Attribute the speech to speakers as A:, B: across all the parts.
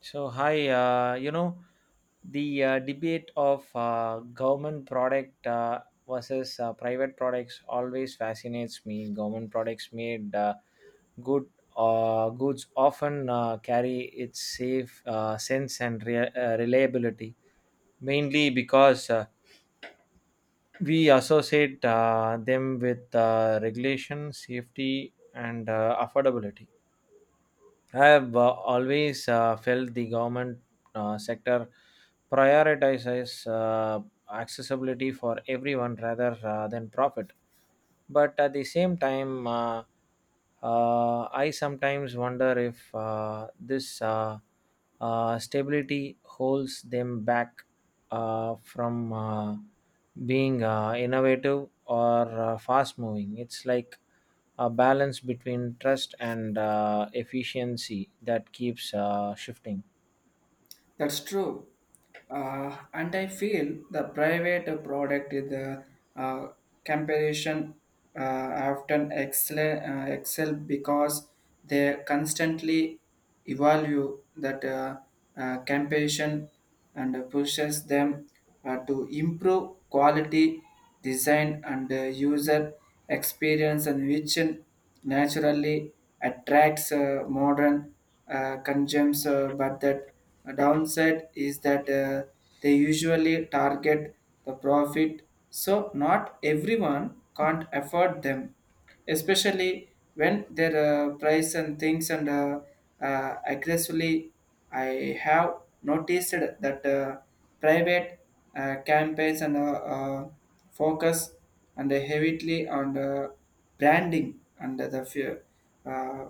A: So, hi, the debate of government product versus private products always fascinates me. Government products made good goods often carry its safe sense and reliability, mainly because we associate them with regulation, safety, and affordability. I have always felt the government sector prioritizes accessibility for everyone rather than profit. But at the same time, I sometimes wonder if this stability holds them back from being innovative or fast moving. It's like a balance between trust and efficiency that keeps shifting.
B: That's true. And I feel the private product is the uh, comparison uh, often excel because they constantly evaluate that comparison and pushes them to improve quality, design, and user experience and vision naturally attracts modern consumes, but that downside is that they usually target the profit, so not everyone can't afford them, especially when their price and things and aggressively. I have noticed that private campaigns and focus and heavily on the branding and the uh,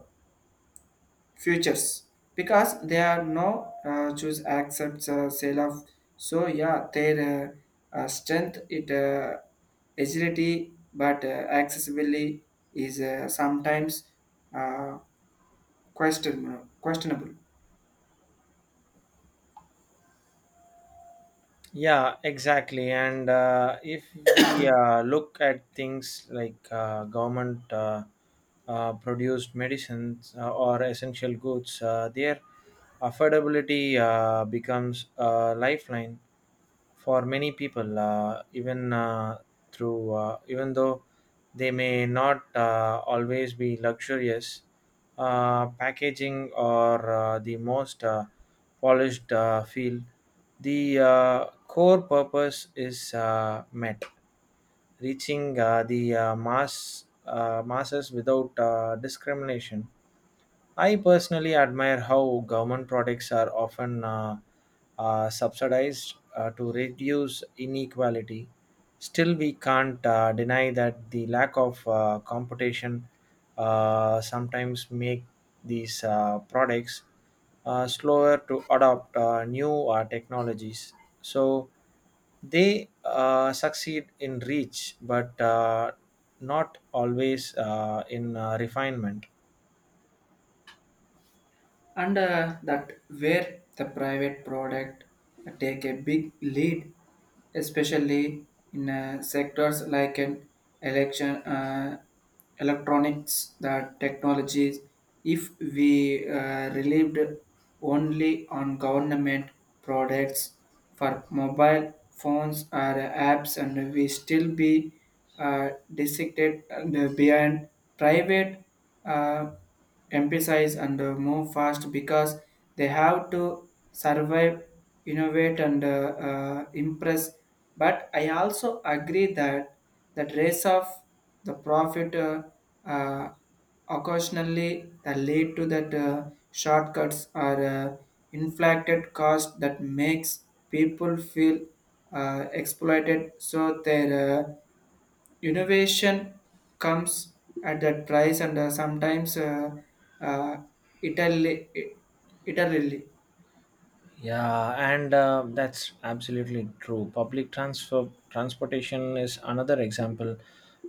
B: futures because they are no choose accepts sale of so yeah their strength it agility but accessibility is sometimes uh, questionable
A: Yeah, exactly. And if we look at things like government produced medicines or essential goods, their affordability becomes a lifeline for many people, even though they may not always be luxurious. Packaging or the most polished feel the core purpose is met, reaching the masses without discrimination. I personally admire how government products are often subsidized to reduce inequality. Still, we can't deny that the lack of competition sometimes make these products slower to adopt new technologies. So they succeed in reach, but not always in refinement.
B: and that where the private product take a big lead especially in sectors like an election electronics the technologies if we relieved only on government products for mobile phones or apps and we still be dissected and behind private uh, emphasize and move fast because they have to survive, innovate, and impress. But I also agree that the race of the profit uh, occasionally that lead to that shortcuts or inflated cost that makes people feel exploited so their innovation comes at that price and sometimes uh, Italy, Italy.
A: Yeah, and that's absolutely true. Public transfer transportation is another example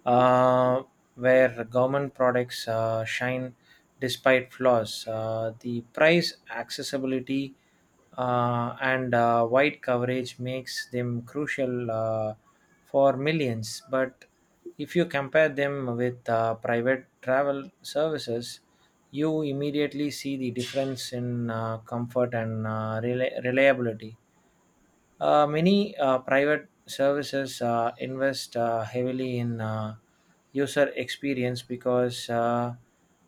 A: uh, where government products shine despite flaws. The price, accessibility, and wide coverage makes them crucial for millions. But if you compare them with private travel services, you immediately see the difference in comfort and reliability. Many private services invest heavily in user experience because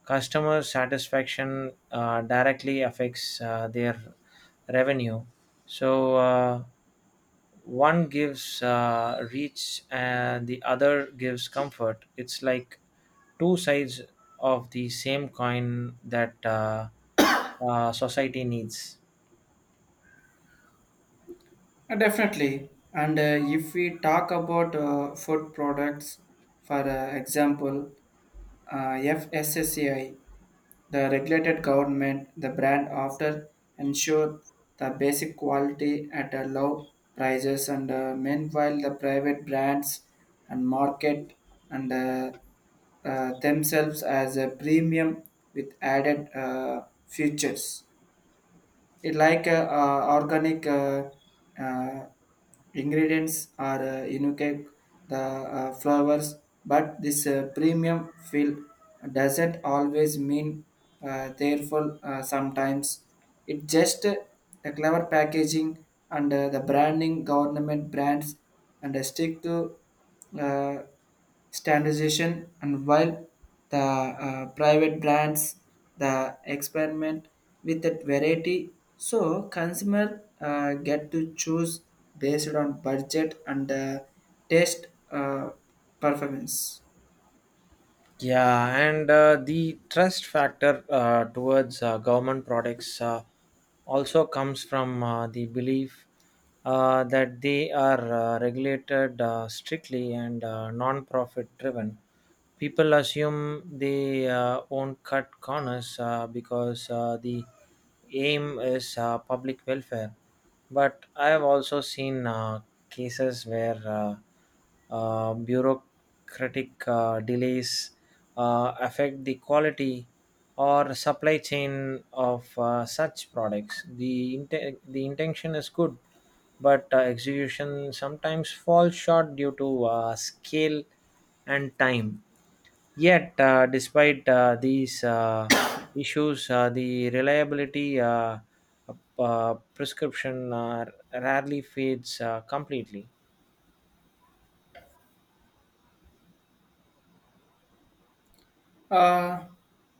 A: customer satisfaction directly affects their revenue. So one gives reach and the other gives comfort. It's like two sides of the same coin that society needs.
B: Definitely. And if we talk about food products, for example, uh, FSSAI, the regulated government, the brand after ensure the basic quality at a low prices and meanwhile the private brands and market and themselves as a premium with added features it like organic uh, ingredients or unique the flowers but this premium feel doesn't always mean therefore sometimes it just the clever packaging and the branding government brands and stick to uh, standardization and while the private brands the experiment with that variety so consumer get to choose based on budget and taste performance.
A: Yeah, and the trust factor towards government products also comes from the belief that they are regulated strictly and non profit driven. People assume they won't cut corners because the aim is public welfare. But I have also seen cases where bureaucratic delays affect the quality or supply chain of such products. The intention is good, but execution sometimes falls short due to scale and time. Yet, despite these issues, the reliability prescription rarely fades completely.
B: Uh,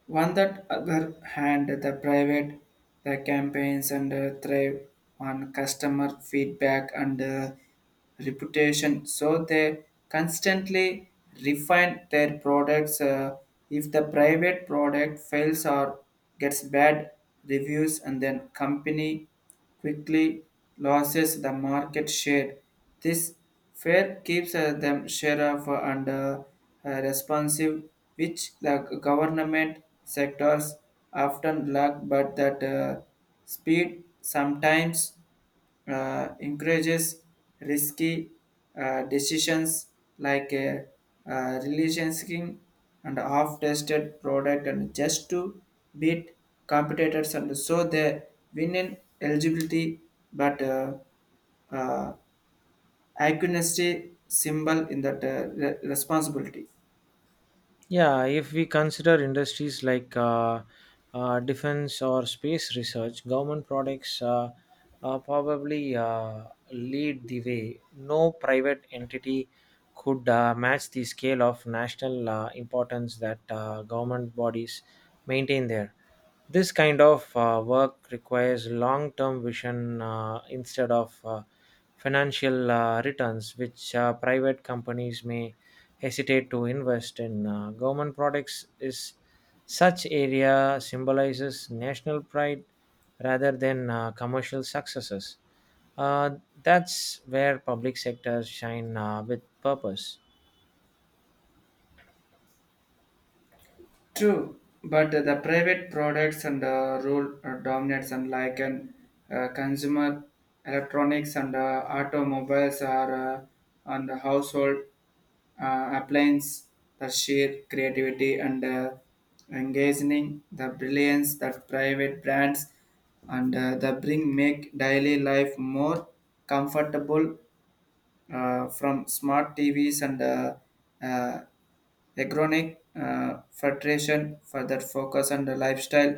B: One that other hand, the private, the campaigns and thrive on customer feedback and reputation. So they constantly refine their products. If the private product fails or gets bad reviews, and then company quickly loses the market share. This fear keeps them share of and responsive, which the government sectors often lack, but that speed sometimes encourages risky decisions like releasing and half-tested product and just to beat competitors and so they win in eligibility but uh, accuracy symbol in that responsibility.
A: Yeah, if we consider industries like defense or space research, government products probably lead the way. No private entity could match the scale of national importance that government bodies maintain there. This kind of work requires long term vision instead of financial returns, which private companies may hesitate to invest in. Government products is such area symbolizes national pride rather than commercial successes. Uh, that's where public sectors shine with purpose.
B: True, but the private products and role dominates and like an consumer electronics and automobiles are and the household appliance the sheer creativity and engaging the brilliance that private brands and the bring make daily life more comfortable from smart TVs and uh, Agronic filtration further focus on the lifestyle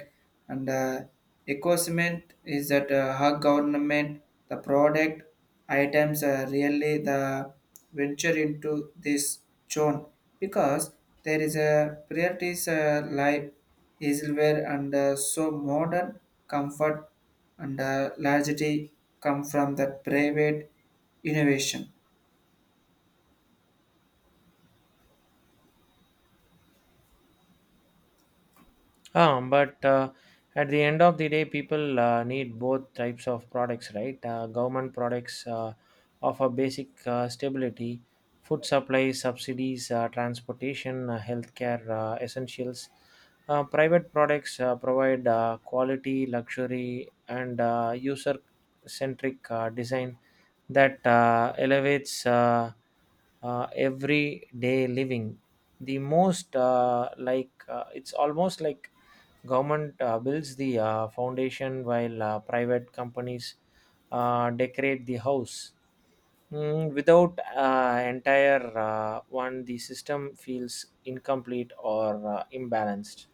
B: and ecosystem is that her government the product items are really the venture into this zone because there is a priorities life easelware and so modern comfort and largely come from the private innovation.
A: But at the end of the day, people need both types of products, right? Government products offer basic stability, food supply, subsidies, transportation, healthcare essentials. Private products provide quality, luxury, and user centric design that elevates everyday living. The most it's almost like government builds the foundation while private companies decorate the house. Mm, without entire one, the system feels incomplete or imbalanced.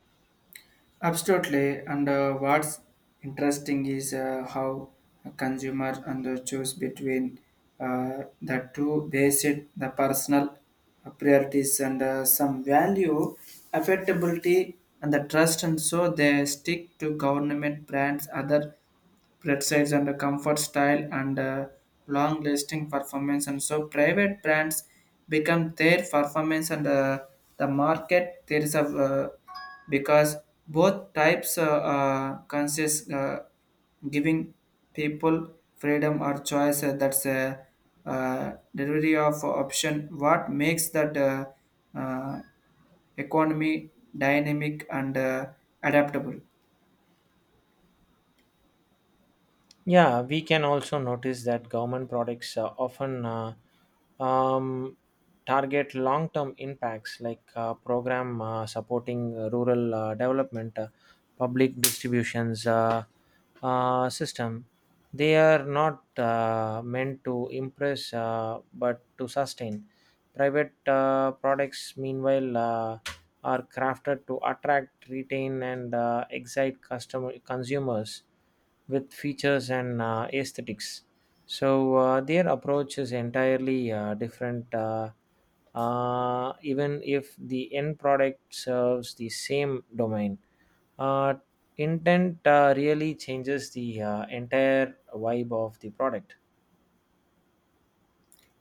B: Absolutely, and what's interesting is how a consumer and the choose between the two based the personal priorities and some value, affectability, and the trust, and so they stick to government brands other precise and comfort style and long lasting performance and so private brands become their performance and the market there is a because both types consist giving people freedom or choice that's a delivery of option what makes that uh, economy dynamic and adaptable.
A: Yeah, we can also notice that government products often um, target long term impacts like program supporting rural development, public distributions system. They are not meant to impress but to sustain. Private products, meanwhile, are crafted to attract, retain, and excite customer consumers with features and aesthetics. So their approach is entirely different. Even if the end product serves the same domain, uh, intent really changes the entire vibe of the product.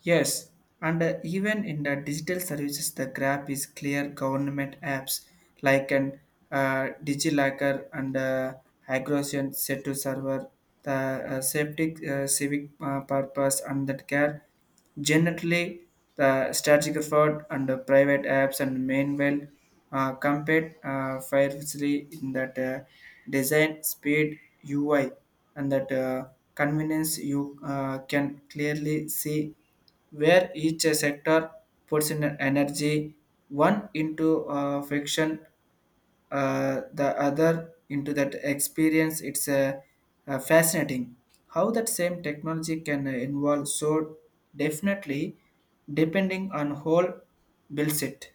B: Yes, and even in the digital services, the Grab is clear government apps like an DigiLocker and Agrosian set to server the safety civic purpose and that care generally the strategic effort and the private apps and mainwell compared fairly in that design speed UI and that convenience you can clearly see where each sector puts in energy one into fiction the other into that experience it's fascinating how that same technology can involve so definitely depending on whole builds it.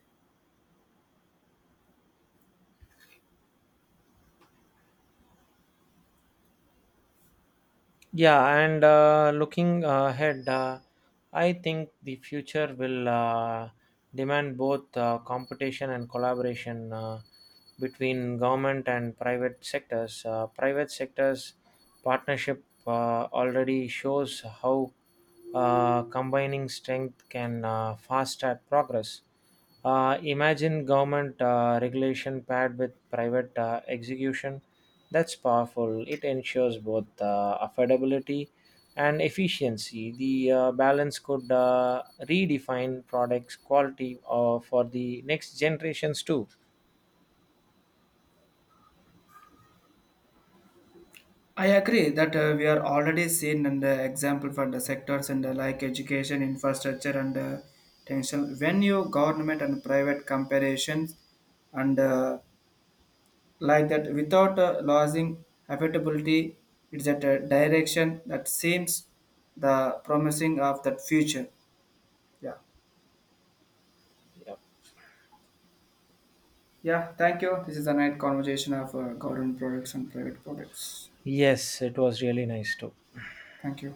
A: Yeah, and looking ahead, I think the future will demand both competition and collaboration between government and private sectors. Private sectors partnership already shows how combining strength can fast track progress. Imagine government regulation paired with private execution that's powerful. It ensures both affordability and efficiency. The balance could redefine products' quality for the next generations too.
B: I agree that we are already seen an example for the sectors and like education infrastructure and tension when you government and private comparisons and like that without losing affectability, it's at a direction that seems the promising of that future. Yeah,
A: Yep.
B: yeah, thank you, this is a nice conversation of government products and private products.
A: Yes, it was really nice too.
B: Thank you.